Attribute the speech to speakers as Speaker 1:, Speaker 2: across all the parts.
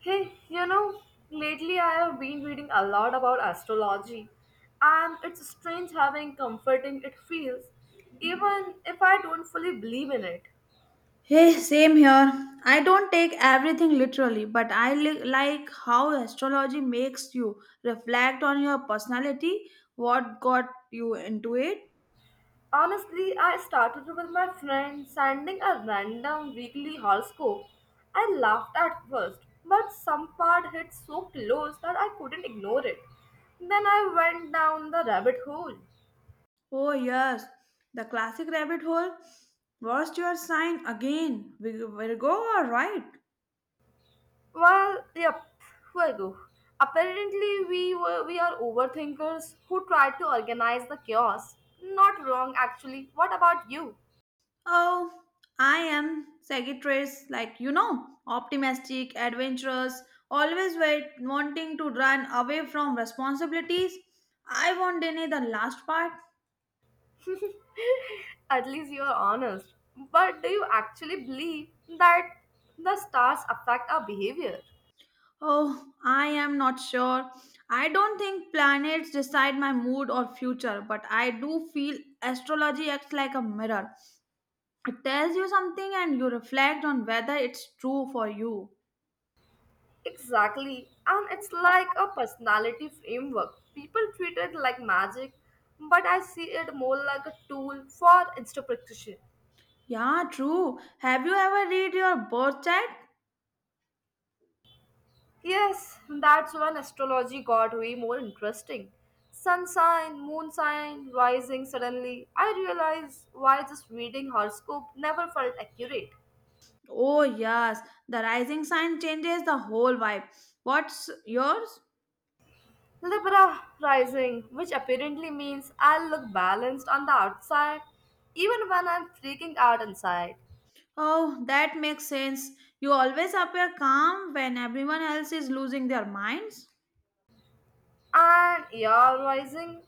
Speaker 1: Hey, lately I have been reading a lot about astrology, and it's strange having comforting it feels, even if I don't fully believe in it.
Speaker 2: Hey, same here. I don't take everything literally, but I like how astrology makes you reflect on your personality, what got you into it.
Speaker 1: Honestly, I started with my friend sending a random weekly horoscope. I laughed at first, but some part hit so close that I couldn't ignore it. Then I went down the rabbit hole.
Speaker 2: Oh, yes, the classic rabbit hole. What's your sign again? Virgo or right?
Speaker 1: Well, yep, Virgo. Apparently, we are overthinkers who try to organize the chaos. Not wrong, actually. What about you?
Speaker 2: Oh, I am Sagittarius, like, optimistic, adventurous, always wanting to run away from responsibilities. I won't deny the last part.
Speaker 1: At least you are honest. But do you actually believe that the stars affect our behavior?
Speaker 2: Oh, I am not sure. I don't think planets decide my mood or future, but I do feel astrology acts like a mirror. It tells you something and you reflect on whether it's true for you.
Speaker 1: Exactly, and it's like a personality framework. People treat it like magic, but I see it more like a tool for interpretation.
Speaker 2: Yeah, true. Have you ever read your birth chart?
Speaker 1: Yes, that's when astrology got way more interesting. Sun sign, moon sign, rising suddenly. I realized why just reading horoscope never felt accurate.
Speaker 2: Oh, yes. The rising sign changes the whole vibe. What's yours?
Speaker 1: Libra rising, which apparently means I'll look balanced on the outside, even when I'm freaking out inside.
Speaker 2: Oh, that makes sense. You always appear calm when everyone else is losing their minds.
Speaker 1: And your rising?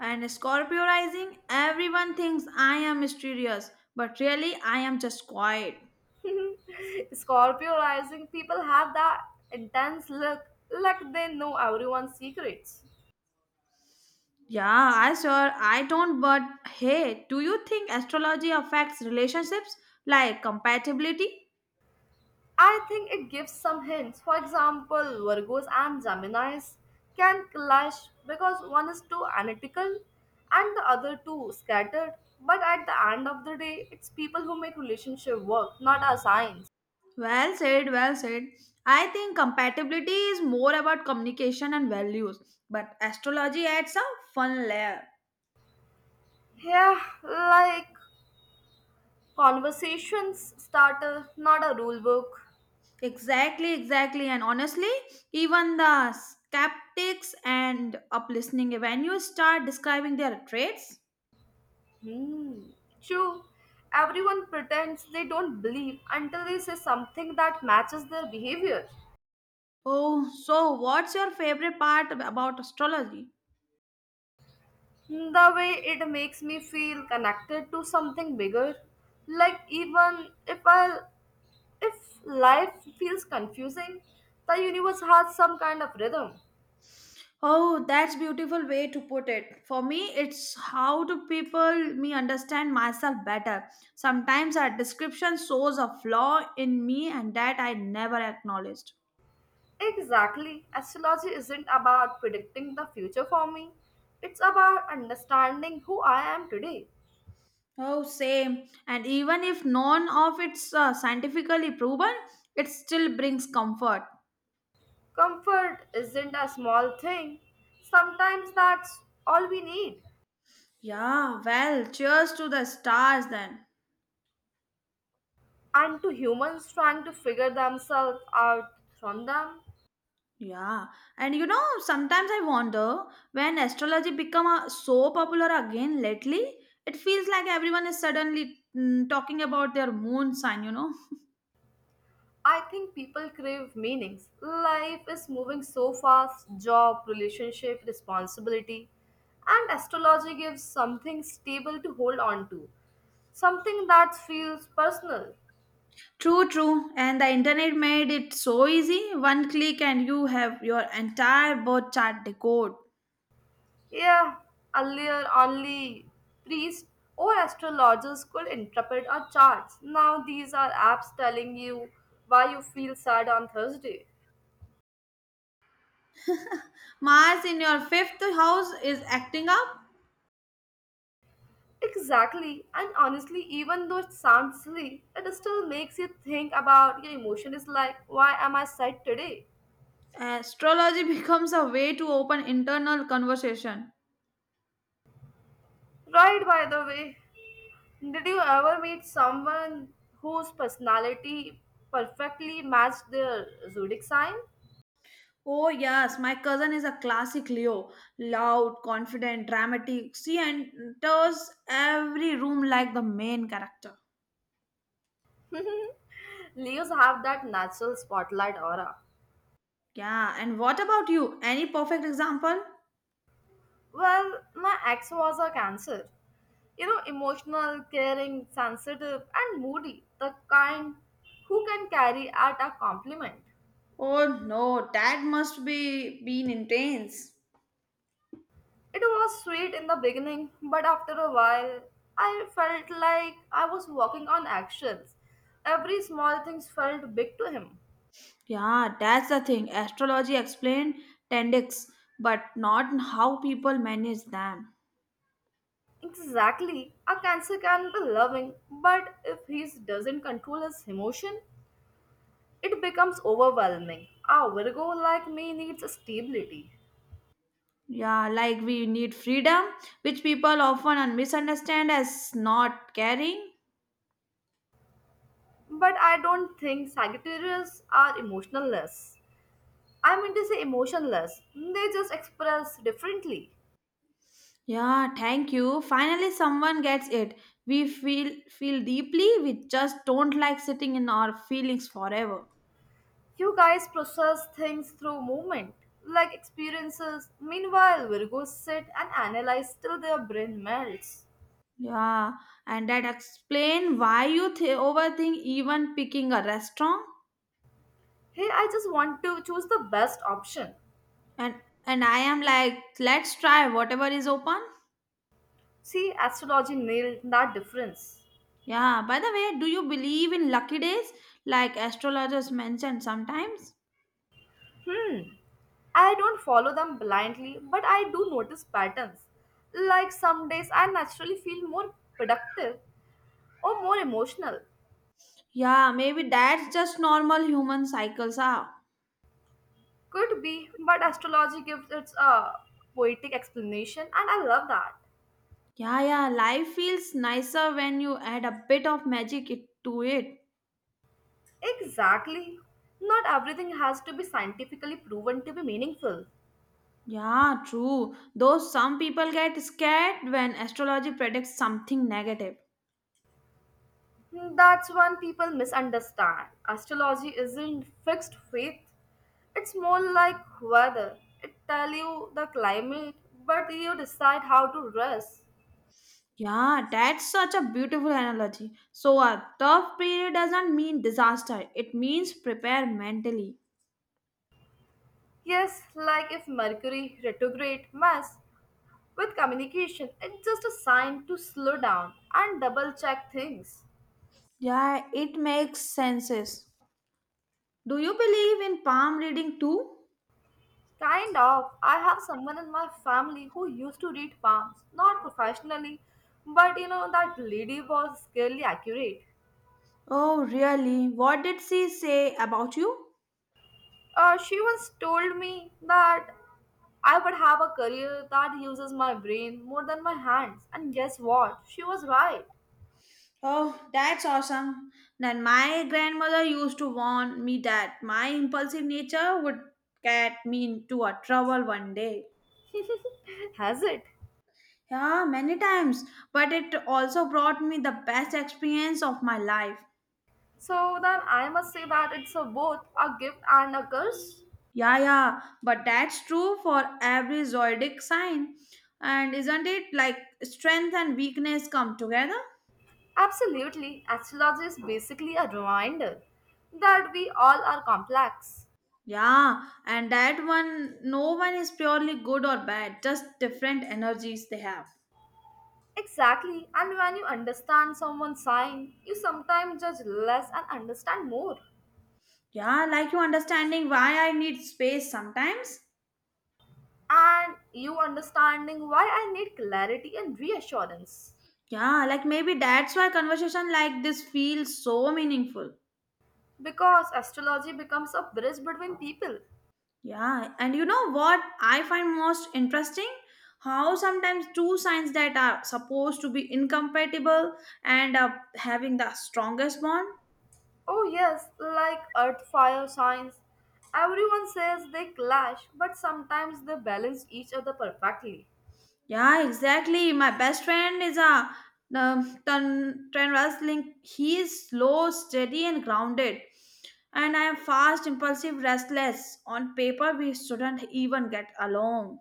Speaker 2: And Scorpio rising, everyone thinks I am mysterious, but really I am just quiet.
Speaker 1: Scorpio rising, people have that intense look like they know everyone's secrets.
Speaker 2: Yeah, I sure I don't, but hey, do you think astrology affects relationships like compatibility?
Speaker 1: I think it gives some hints. For example, Virgos and Geminis can clash because one is too analytical and the other too scattered. But at the end of the day, it's people who make relationship work, not our signs.
Speaker 2: Well said, well said. I think compatibility is more about communication and values, but astrology adds a fun layer.
Speaker 1: Yeah, like conversations starter, not a rule book.
Speaker 2: Exactly, exactly. And honestly, even the skeptics and up listening when you start describing their traits.
Speaker 1: Hmm. True. Everyone pretends they don't believe until they say something that matches their behavior.
Speaker 2: Oh, so what's your favorite part about astrology?
Speaker 1: The way it makes me feel connected to something bigger, like even if life feels confusing, the universe has some kind of rhythm.
Speaker 2: Oh, that's beautiful way to put it. For me, it's how do people me understand myself better. Sometimes a description shows a flaw in me and that I never acknowledged.
Speaker 1: Exactly. Astrology isn't about predicting the future for me. It's about understanding who I am today.
Speaker 2: Oh, same. And even if none of it's scientifically proven, it still brings comfort.
Speaker 1: Comfort isn't a small thing. Sometimes that's all we need.
Speaker 2: Yeah, well, cheers to the stars then.
Speaker 1: And to humans trying to figure themselves out from them.
Speaker 2: Yeah, and you know, sometimes I wonder when astrology become so popular again lately, it feels like everyone is suddenly talking about their moon sign.
Speaker 1: I think people crave meanings. Life is moving so fast job, relationship, responsibility. And astrology gives something stable to hold on to, something that feels personal.
Speaker 2: True, true. And the internet made it so easy. One click and you have your entire birth chart decode.
Speaker 1: Yeah, earlier only priests or astrologers could interpret our charts. Now these are apps telling you why you feel sad on Thursday.
Speaker 2: Mars in your fifth house is acting up.
Speaker 1: Exactly, and honestly, even though it sounds silly, it still makes you think about your emotion. Is like, why am I sad today?
Speaker 2: Astrology becomes a way to open internal conversation.
Speaker 1: Right, by the way, did you ever meet someone whose personality perfectly matched their zodiac sign?
Speaker 2: Oh, yes, my cousin is a classic Leo. Loud, confident, dramatic. She enters every room like the main character.
Speaker 1: Leos have that natural spotlight aura.
Speaker 2: Yeah, and what about you? Any perfect example?
Speaker 1: Well, my ex was a cancer. Emotional, caring, sensitive, and moody. The kind who can carry at a compliment.
Speaker 2: Oh no, that must be been intense.
Speaker 1: It was sweet in the beginning, but after a while, I felt like I was walking on eggshells. Every small thing felt big to him.
Speaker 2: Yeah, that's the thing. Astrology explained tendex, but not how people manage them.
Speaker 1: Exactly, a cancer can be loving, but if he doesn't control his emotion, it becomes overwhelming. A Virgo like me needs stability.
Speaker 2: Yeah, like we need freedom, which people often misunderstand as not caring.
Speaker 1: But I don't think Sagittarius are emotionless. I mean to say emotionless. They just express differently.
Speaker 2: Yeah, thank you. Finally, someone gets it. We feel deeply. We just don't like sitting in our feelings forever.
Speaker 1: You guys process things through movement, like experiences. Meanwhile, Virgos sit and analyze till their brain melts.
Speaker 2: Yeah, and that explain why you overthink even picking a restaurant.
Speaker 1: Here, I just want to choose the best option.
Speaker 2: And and I am like, let's try whatever is open.
Speaker 1: See, astrology nailed that difference.
Speaker 2: Yeah. By the way, do you believe in lucky days, like astrologers mention sometimes?
Speaker 1: Hmm. I don't follow them blindly, but I do notice patterns. Like some days I naturally feel more productive, or more emotional.
Speaker 2: Yeah, maybe that's just normal human cycles are.
Speaker 1: Could be, but astrology gives its a poetic explanation, and I love that.
Speaker 2: Yeah, yeah, life feels nicer when you add a bit of magic to it.
Speaker 1: Exactly. Not everything has to be scientifically proven to be meaningful.
Speaker 2: Yeah, true. Though some people get scared when astrology predicts something negative.
Speaker 1: Hmm. That's one people misunderstand. Astrology isn't fixed faith. It's more like weather. It tell you the climate, but you decide how to dress.
Speaker 2: Yeah, that's such a beautiful analogy. So, a tough period doesn't mean disaster, it means prepare mentally.
Speaker 1: Yes, like if Mercury retrograde mess with communication, it's just a sign to slow down and double check things.
Speaker 2: Yeah, it makes senses. Do you believe in palm reading too?
Speaker 1: Kind of, I have someone in my family who used to read palms, not professionally, but that lady was scarily accurate.
Speaker 2: Oh, really? What did she say about you?
Speaker 1: She once told me that I would have a career that uses my brain more than my hands, and guess what? She was right.
Speaker 2: Oh, that's awesome. Then my grandmother used to warn me that my impulsive nature would get me into a trouble one day.
Speaker 1: Has it?
Speaker 2: Yeah, many times, but it also brought me the best experience of my life.
Speaker 1: So then I must say that it's a both a gift and a curse.
Speaker 2: Yeah, yeah, but that's true for every zodiac sign. And isn't it like strength and weakness come together?
Speaker 1: Absolutely, astrology is basically a reminder that we all are complex.
Speaker 2: Yeah, and that one, no one is purely good or bad, just different energies they have.
Speaker 1: Exactly, and when you understand someone's sign, you sometimes judge less and understand more.
Speaker 2: Yeah, like you understanding why I need space sometimes.
Speaker 1: And you understanding why I need clarity and reassurance.
Speaker 2: Yeah, like maybe that's why conversation like this feels so meaningful.
Speaker 1: Because astrology becomes a bridge between people.
Speaker 2: Yeah, and you know what I find most interesting? How sometimes two signs that are supposed to be incompatible and up having the strongest bond.
Speaker 1: Oh, yes, like earth, fire, signs. Everyone says they clash, but sometimes they balance each other perfectly.
Speaker 2: Yeah, exactly. My best friend is a ton, trend wrestling. He is slow, steady, and grounded. And I am fast, impulsive, restless. On paper, we shouldn't even get along.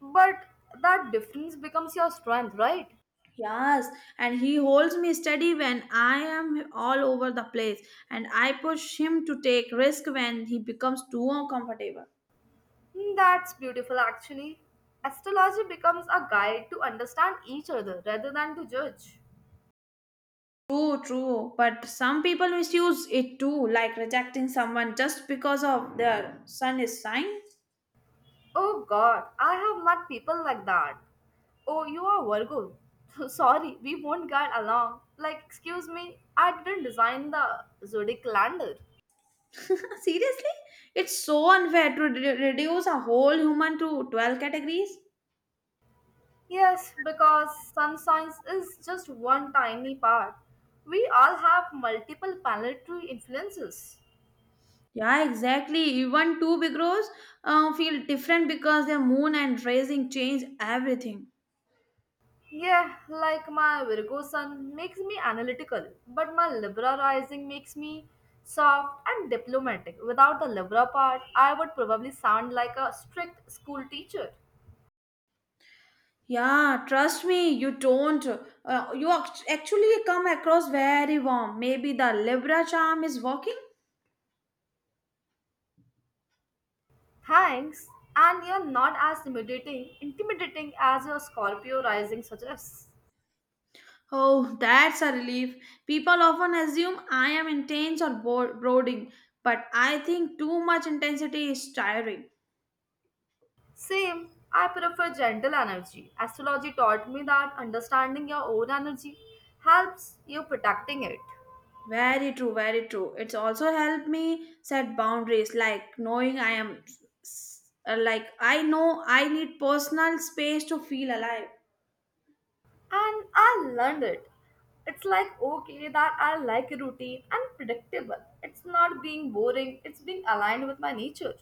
Speaker 1: But that difference becomes your strength, right?
Speaker 2: Yes, and he holds me steady when I am all over the place, and I push him to take risk when he becomes too uncomfortable.
Speaker 1: Hmm. That's beautiful, actually. Astrology becomes a guide to understand each other rather than to judge.
Speaker 2: True, true. But some people misuse it too, like rejecting someone just because of their sun is shine.
Speaker 1: Oh god, I have met people like that. Oh, you are Virgo. Sorry, we won't get along. Like, excuse me, I didn't design the zodiac calendar.
Speaker 2: Seriously? It's so unfair to reduce a whole human to 12 categories.
Speaker 1: Yes, because sun signs is just one tiny part. We all have multiple planetary influences.
Speaker 2: Yeah, exactly. Even two big rows feel different because their moon and rising change everything.
Speaker 1: Yeah, like my Virgo sun makes me analytical, but my Libra rising makes me soft and diplomatic. Without the Libra part, I would probably sound like a strict school teacher.
Speaker 2: Yeah, trust me, you don't. You actually come across very warm. Maybe the Libra charm is working?
Speaker 1: Thanks, and you're not as intimidating as your Scorpio rising suggests.
Speaker 2: Oh, that's a relief. People often assume I am intense or brooding, but I think too much intensity is tiring.
Speaker 1: Same, I prefer gentle energy. Astrology taught me that understanding your own energy helps you protecting it.
Speaker 2: Very true, very true. It's also helped me set boundaries, like knowing I am, like, I know I need personal space to feel alive.
Speaker 1: And I learned it. It's like okay that I like a routine and predictable. It's not being boring, it's being aligned with my nature.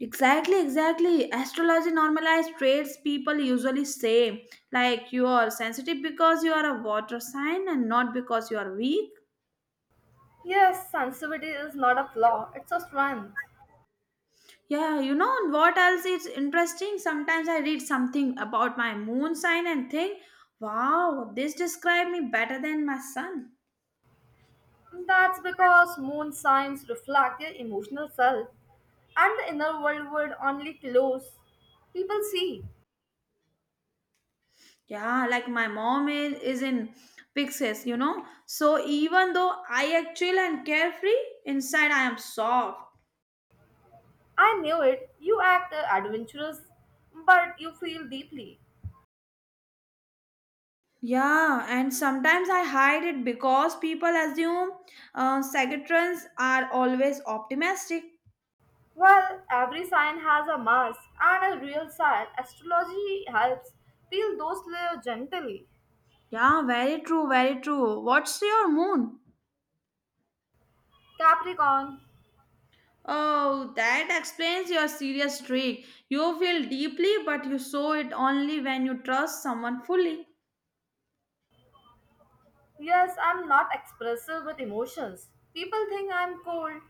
Speaker 2: Exactly, exactly. Astrology normalized traits people usually say, like, you are sensitive because you are a water sign and not because you are weak.
Speaker 1: Yes, sensitivity is not a flaw, it's a strength.
Speaker 2: Yeah, you know what else is interesting? Sometimes I read something about my moon sign and think, wow, this describes me better than my sun.
Speaker 1: That's because moon signs reflect their emotional self, and the inner world would only close. People see,
Speaker 2: Yeah, like my mom is in Pixies, you know. So even though I act chill and carefree, inside I am soft.
Speaker 1: I knew it, you act adventurous, but you feel deeply.
Speaker 2: Yeah, and sometimes I hide it because people assume secretaries are always optimistic.
Speaker 1: Well, every sign has a mask and a real sign. Astrology helps peel those layers gently.
Speaker 2: Yeah, very true, very true. What's your moon?
Speaker 1: Capricorn,
Speaker 2: Oh, that explains your serious streak. You feel deeply, but you show it only when you trust someone fully.
Speaker 1: yes, I'm not expressive with emotions. People think I'm cold,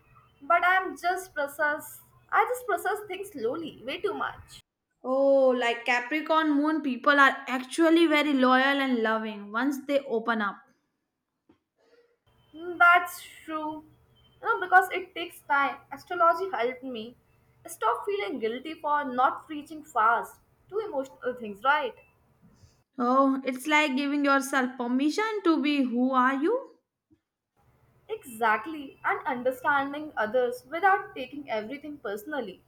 Speaker 1: but I'm just process. I just process things slowly, way too much.
Speaker 2: Oh, like Capricorn moon people are actually very loyal and loving once they open up.
Speaker 1: Hmm. That's true. You know, because it takes time. Astrology helped me stop feeling guilty for not reaching fast to emotional things, right?
Speaker 2: Oh, it's like giving yourself permission to be who are you?
Speaker 1: Exactly, and understanding others without taking everything personally.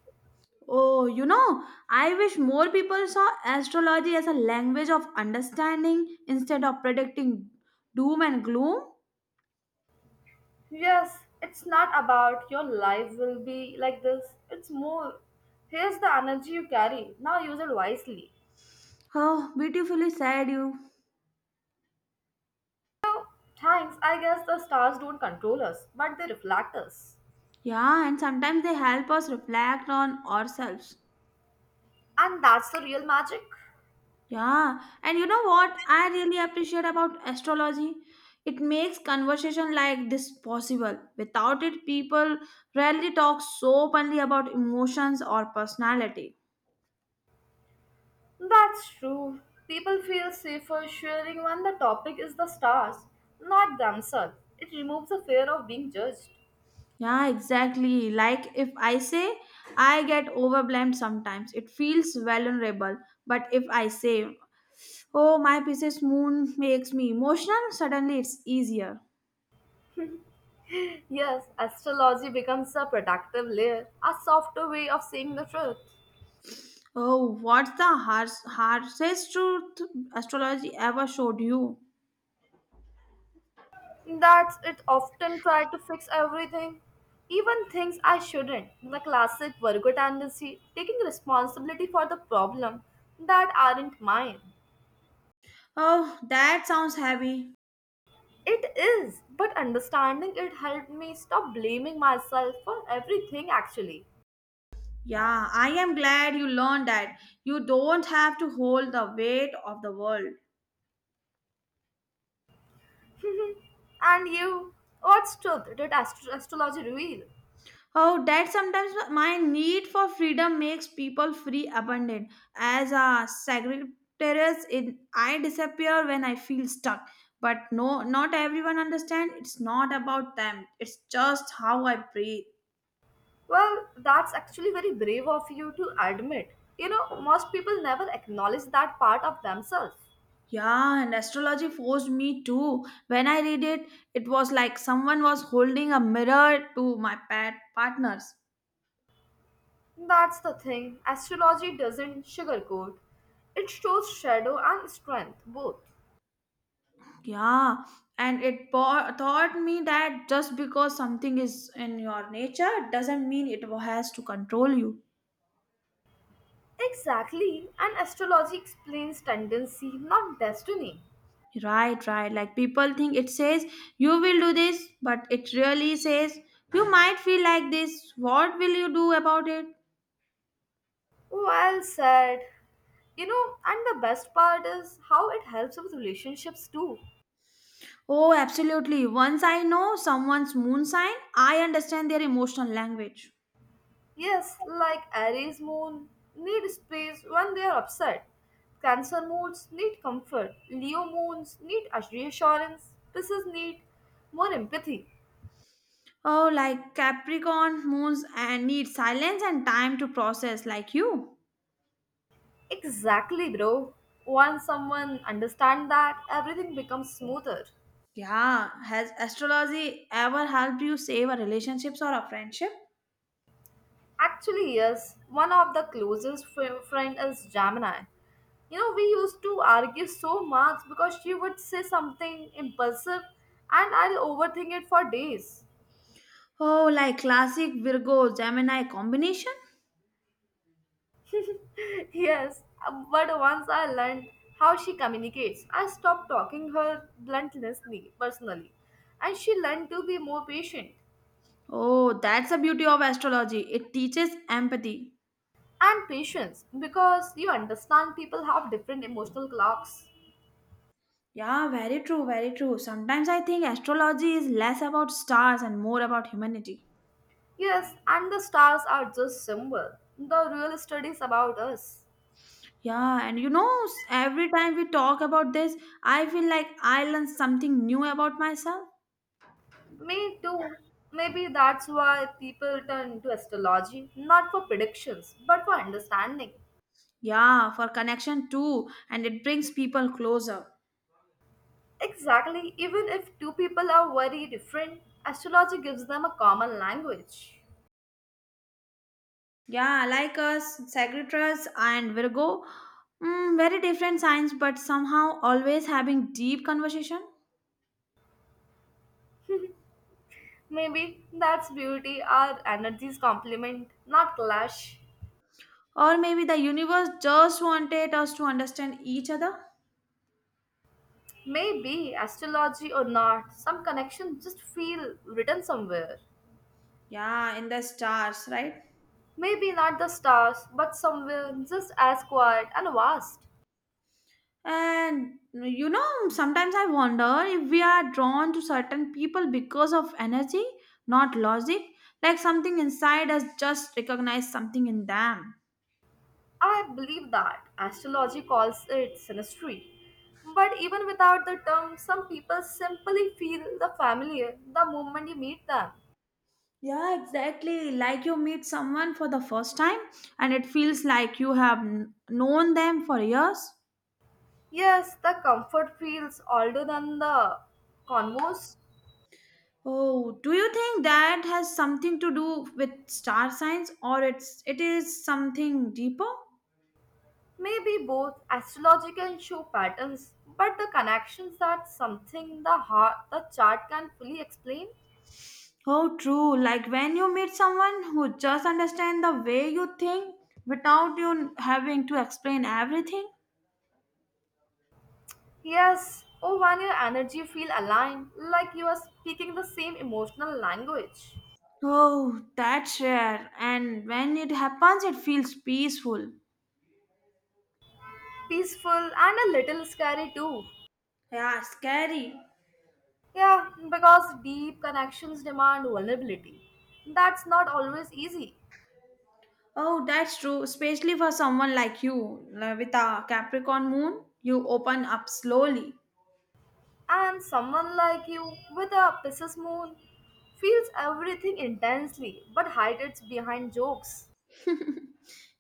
Speaker 2: Oh, you know, I wish more people saw astrology as a language of understanding instead of predicting doom and gloom.
Speaker 1: Yes, it's not about your life will be like this, it's more. Here's the energy you carry, now use it wisely.
Speaker 2: Oh, beautifully said you.
Speaker 1: Thanks, I guess the stars don't control us, but they reflect us.
Speaker 2: Yeah, and sometimes they help us reflect on ourselves.
Speaker 1: And that's the real magic.
Speaker 2: Yeah, and you know what I really appreciate about astrology? It makes conversation like this possible. Without it, people rarely talk so openly about emotions or personality.
Speaker 1: That's true. People feel safer sharing when the topic is the stars, not themselves. It removes the fear of being judged.
Speaker 2: Yeah, exactly. Like if I say I get overwhelmed sometimes, it feels vulnerable. But if I say, oh, my Pisces moon makes me emotional, suddenly it's easier.
Speaker 1: Yes, astrology becomes a protective layer, a softer way of seeing the truth.
Speaker 2: Oh, what's the harshest truth astrology ever showed you?
Speaker 1: That's it often try to fix everything, even things I shouldn't. The classic Virgo tendency, taking responsibility for the problem that aren't mine.
Speaker 2: Oh, that sounds heavy.
Speaker 1: It is, but understanding it helped me stop blaming myself for everything actually.
Speaker 2: Yeah, I am glad you learned that you don't have to hold the weight of the world.
Speaker 1: and you, what's truth did astrology reveal?
Speaker 2: Oh, that sometimes my need for freedom makes people free abundant. As a secretariat, it, I disappear when I feel stuck. But no, not everyone understands. It's not about them. It's just how I breathe.
Speaker 1: Well, that's actually very brave of you to admit. You know, most people never acknowledge that part of themselves.
Speaker 2: Yeah, and astrology forced me too. When I read it, it was like someone was holding a mirror to my pet partners.
Speaker 1: That's the thing. Astrology doesn't sugarcoat. It shows shadow and strength, both.
Speaker 2: Yeah, and it taught me that just because something is in your nature doesn't mean it has to control you.
Speaker 1: Exactly. And astrology explains tendency, not destiny.
Speaker 2: Right, right. Like people think it says you will do this, but it really says you might feel like this. What will you do about it?
Speaker 1: Well said. You know, and the best part is how it helps with relationships too.
Speaker 2: Oh, absolutely. Once I know someone's moon sign, I understand their emotional language.
Speaker 1: Yes, like Aries moon need space when they are upset. Cancer moons need comfort. Leo moons need reassurance. Pisces need more empathy.
Speaker 2: Oh, like Capricorn moons and need silence and time to process, like you.
Speaker 1: Exactly, bro. Once someone understands that, everything becomes smoother.
Speaker 2: Yeah, has astrology ever helped you save a relationships or a friendship?
Speaker 1: Actually, yes, one of the closest friend is Gemini. You know, we used to argue so much because she would say something impulsive and I'll overthink it for days.
Speaker 2: Oh, like classic Virgo Gemini combination?
Speaker 1: Yes, but once I learned how she communicates, I stopped talking her bluntly personally. And she learned to be more patient.
Speaker 2: Oh, that's the beauty of astrology. It teaches empathy.
Speaker 1: And patience, because you understand people have different emotional clocks.
Speaker 2: Yeah, very true, very true. Sometimes I think astrology is less about stars and more about humanity.
Speaker 1: Yes, and the stars are just symbol. The real studies about us.
Speaker 2: Yeah, and you know, every time we talk about this, I feel like I learn something new about myself.
Speaker 1: Me too. Maybe that's why people turn to astrology, not for predictions, but for understanding.
Speaker 2: Yeah, for connection too, and it brings people closer.
Speaker 1: Exactly, even if two people are very different, astrology gives them a common language.
Speaker 2: Yeah, like us, Sagittarius and Virgo, very different signs, but somehow always having deep conversation.
Speaker 1: Maybe that's beauty, our energies complement, not clash.
Speaker 2: Or maybe the universe just wanted us to understand each other.
Speaker 1: Maybe, astrology or not, some connections just feel written somewhere.
Speaker 2: Yeah, in the stars, right?
Speaker 1: Maybe not the stars, but somewhere just as quiet and vast.
Speaker 2: And you know, sometimes I wonder if we are drawn to certain people because of energy, not logic. Like something inside us just recognize something in them.
Speaker 1: I believe that astrology calls it synastry. But even without the term, some people simply feel the familiar the moment you meet them.
Speaker 2: Yeah, exactly. Like you meet someone for the first time and it feels like you have known them for years.
Speaker 1: Yes, the comfort feels older than the converse.
Speaker 2: Oh, do you think that has something to do with star signs or it's it is something deeper?
Speaker 1: Maybe both astrology can show patterns, but the connections that something the heart the chart can fully explain.
Speaker 2: Oh, true. Like when you meet someone who just understands the way you think without you having to explain everything.
Speaker 1: Yes, or when your energy feel aligned, like you are speaking the same emotional language.
Speaker 2: Oh, that's rare. And when it happens, it feels peaceful.
Speaker 1: Peaceful and a little scary too.
Speaker 2: Yeah, scary.
Speaker 1: Yeah, because deep connections demand vulnerability. That's not always easy.
Speaker 2: Oh, that's true. Especially for someone like you, like with a Capricorn moon, you open up slowly.
Speaker 1: And someone like you with a Pisces moon feels everything intensely but hides it behind jokes.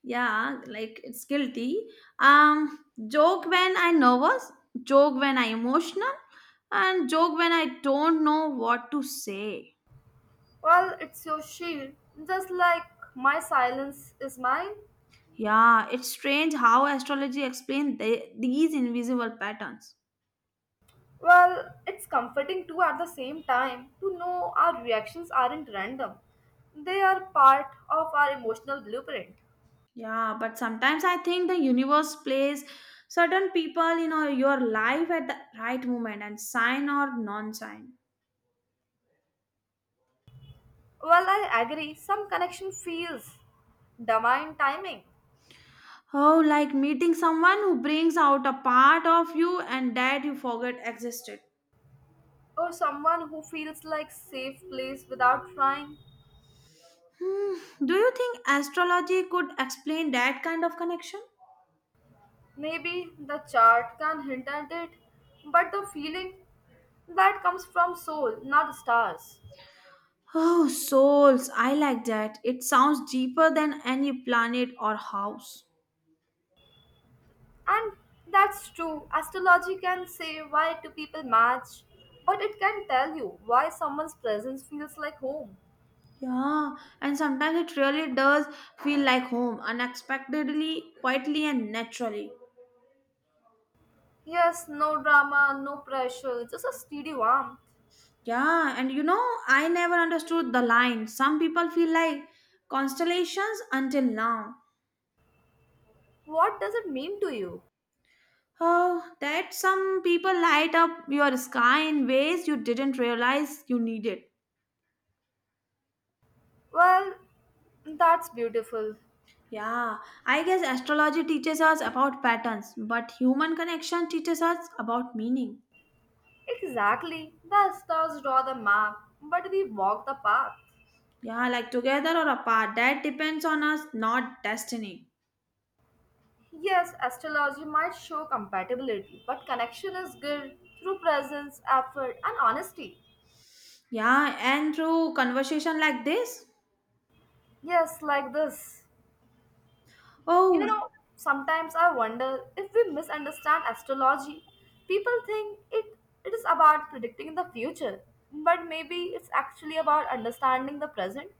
Speaker 2: Yeah, like it's guilty. Um, Joke when I'm nervous, joke when I'm emotional, and joke when I don't know what to say.
Speaker 1: Well, it's your shield, just like my silence is mine.
Speaker 2: Yeah, it's strange how astrology explains these invisible patterns.
Speaker 1: Well, it's comforting too at the same time to know our reactions aren't random. They are part of our emotional blueprint.
Speaker 2: Yeah, but sometimes I think the universe plays certain people in your life at the right moment and sign or non-sign.
Speaker 1: Well, I agree, some connection feels divine timing
Speaker 2: Oh, like meeting someone who brings out a part of you and that you forget existed.
Speaker 1: or someone who feels like safe place without trying.
Speaker 2: Hmm, do you think astrology could explain that kind of connection?
Speaker 1: Maybe the chart can hint at it, but the feeling that comes from soul, not stars.
Speaker 2: Oh, souls, I like that. It sounds deeper than any planet or house.
Speaker 1: And that's true. Astrology can say why two people match, but it can tell you why someone's presence feels like home.
Speaker 2: Yeah, and sometimes it really does feel like home, unexpectedly, quietly, and naturally.
Speaker 1: Yes, no drama, no pressure, just a steady warmth.
Speaker 2: Yeah, and you know, I never understood the line. Some people feel like constellations until now.
Speaker 1: What does it mean to you?
Speaker 2: Oh, that some people light up your sky in ways you didn't realize you needed.
Speaker 1: Well, that's beautiful.
Speaker 2: Yeah, I guess astrology teaches us about patterns, but human connection teaches us about meaning.
Speaker 1: Exactly. The stars draw the map, but we walk the path.
Speaker 2: Yeah, like together or apart, that depends on us, not destiny.
Speaker 1: Yes, astrology might show compatibility, but connection is built through presence, effort, and honesty.
Speaker 2: Yeah, and through conversation like this,
Speaker 1: Yes, like this. You
Speaker 2: oh,
Speaker 1: know, sometimes I wonder if we misunderstand astrology. People think it is about predicting the future, but maybe it's actually about understanding the present.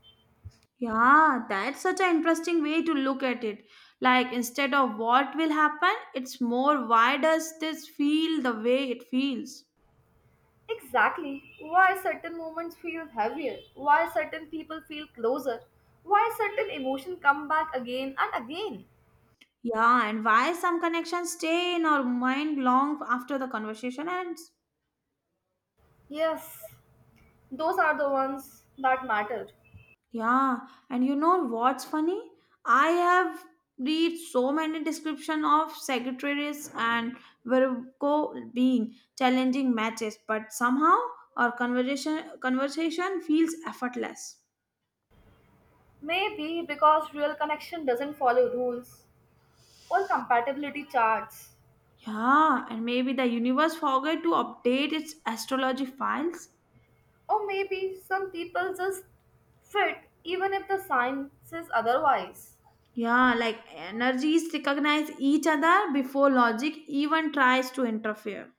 Speaker 2: yeah, that's such an interesting way to look at it. Like instead of what will happen, it's more why does this feel the way it feels?
Speaker 1: Exactly. Why certain moments feel heavier, why certain people feel closer, why certain emotions come back again and again.
Speaker 2: Yeah, and why some connections stay in our mind long after the conversation ends.
Speaker 1: Yes, those are the ones that matter.
Speaker 2: Yeah, and you know what's funny? I have read so many description of secretaries and Virgo being challenging matches, but somehow our conversation feels effortless.
Speaker 1: Maybe because real connection doesn't follow rules or compatibility charts.
Speaker 2: Yeah, and maybe the universe forgot to update its astrology files.
Speaker 1: Or maybe some people just fit even if the sign says otherwise.
Speaker 2: Yeah, like energies recognize each other before logic even tries to interfere.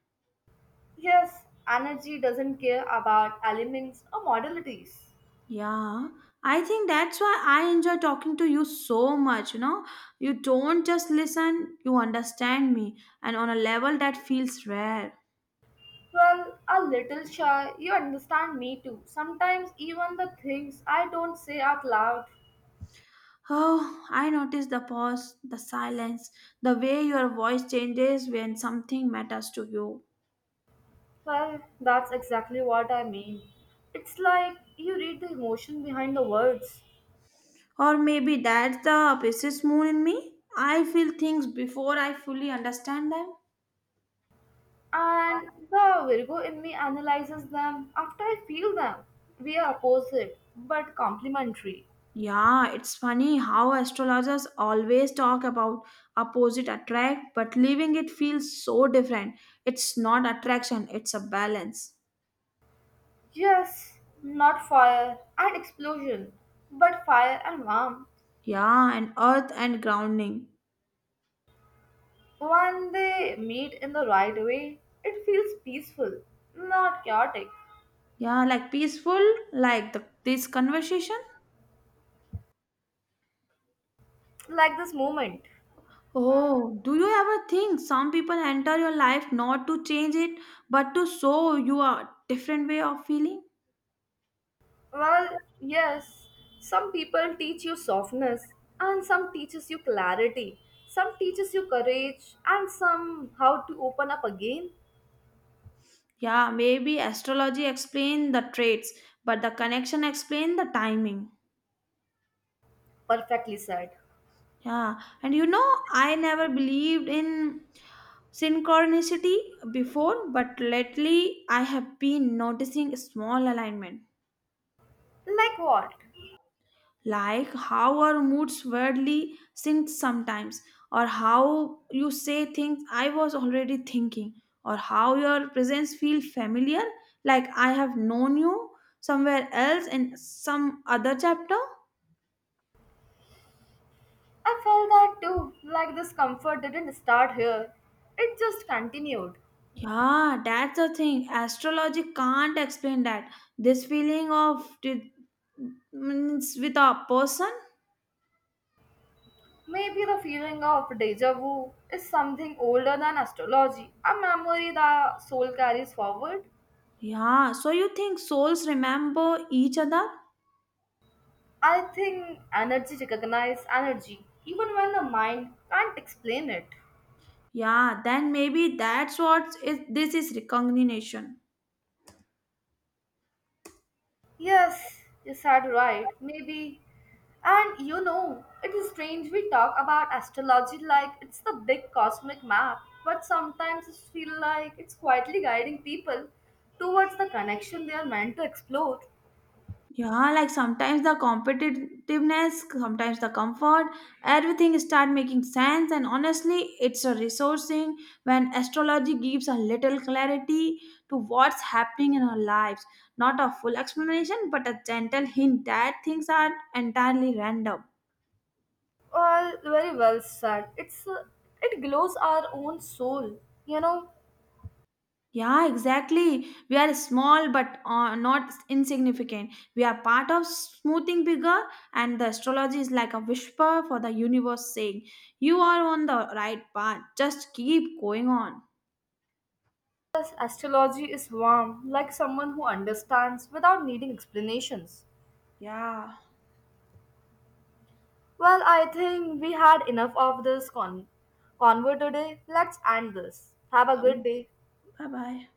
Speaker 1: Yes, energy doesn't care about elements or modalities.
Speaker 2: Yeah, I think that's why I enjoy talking to you so much. You know, you don't just listen, you understand me, and on a level that feels rare.
Speaker 1: Well, a little shy, you understand me too. Sometimes even the things I don't say out loud.
Speaker 2: Oh, I notice the pause, the silence, the way your voice changes when something matters to you.
Speaker 1: Well, that's exactly what I mean. It's like you read the emotion behind the words.
Speaker 2: Or maybe that's the Pisces moon in me. I feel things before I fully understand them.
Speaker 1: And the Virgo in me analyzes them after I feel them. We are opposite, but complementary.
Speaker 2: Yeah, it's funny how astrologers always talk about opposite attract, but leaving it feels so different. It's not attraction, it's a balance.
Speaker 1: Yes, not fire and explosion, but fire and warmth.
Speaker 2: Yeah, and earth and grounding.
Speaker 1: When they meet in the right way, it feels peaceful, not chaotic,
Speaker 2: Yeah, like peaceful, like this conversation.
Speaker 1: like this moment.
Speaker 2: Oh, do you ever think some people enter your life not to change it, but to show you a different way of feeling?
Speaker 1: Well, yes, some people teach you softness, and some teaches you clarity, some teaches you courage, and some how to open up again.
Speaker 2: Yeah, maybe astrology explain the traits, but the connection explain the timing.
Speaker 1: Perfectly said.
Speaker 2: Yeah, and you know, I never believed in synchronicity before, but lately I have been noticing small alignment,
Speaker 1: Like what?
Speaker 2: like how our moods weirdly sync sometimes, or how you say things I was already thinking, or how your presence feels familiar, like I have known you somewhere else in some other chapter.
Speaker 1: I felt that too. Like this comfort didn't start here, it just continued.
Speaker 2: Yeah, that's the thing. Astrology can't explain that. This feeling of it means with a person.
Speaker 1: Maybe the feeling of deja vu is something older than astrology, a memory the soul carries forward.
Speaker 2: Yeah, so you think souls remember each other?
Speaker 1: I think energy recognizes energy even when the mind can't explain it.
Speaker 2: Yeah, then maybe that's what this is recognition.
Speaker 1: Yes, you said right. Maybe. And you know, it is strange we talk about astrology like it's the big cosmic map, but sometimes it feels like it's quietly guiding people towards the connection they are meant to explore.
Speaker 2: Yeah, like sometimes the competitiveness, sometimes the comfort, everything start making sense. And honestly, it's a resourcing when astrology gives a little clarity to what's happening in our lives. Not a full explanation, but a gentle hint that things are entirely random.
Speaker 1: Well, very well said. It glows our own soul. You know,
Speaker 2: Yeah, exactly. We are small but not insignificant. We are part of smoothing bigger, and the astrology is like a whisper for the universe saying, you are on the right path. Just keep going on.
Speaker 1: Yes, astrology is warm, like someone who understands without needing explanations.
Speaker 2: Yeah.
Speaker 1: Well, I think we had enough of this convo today. Let's end this. Have a good day.
Speaker 2: Bye bye.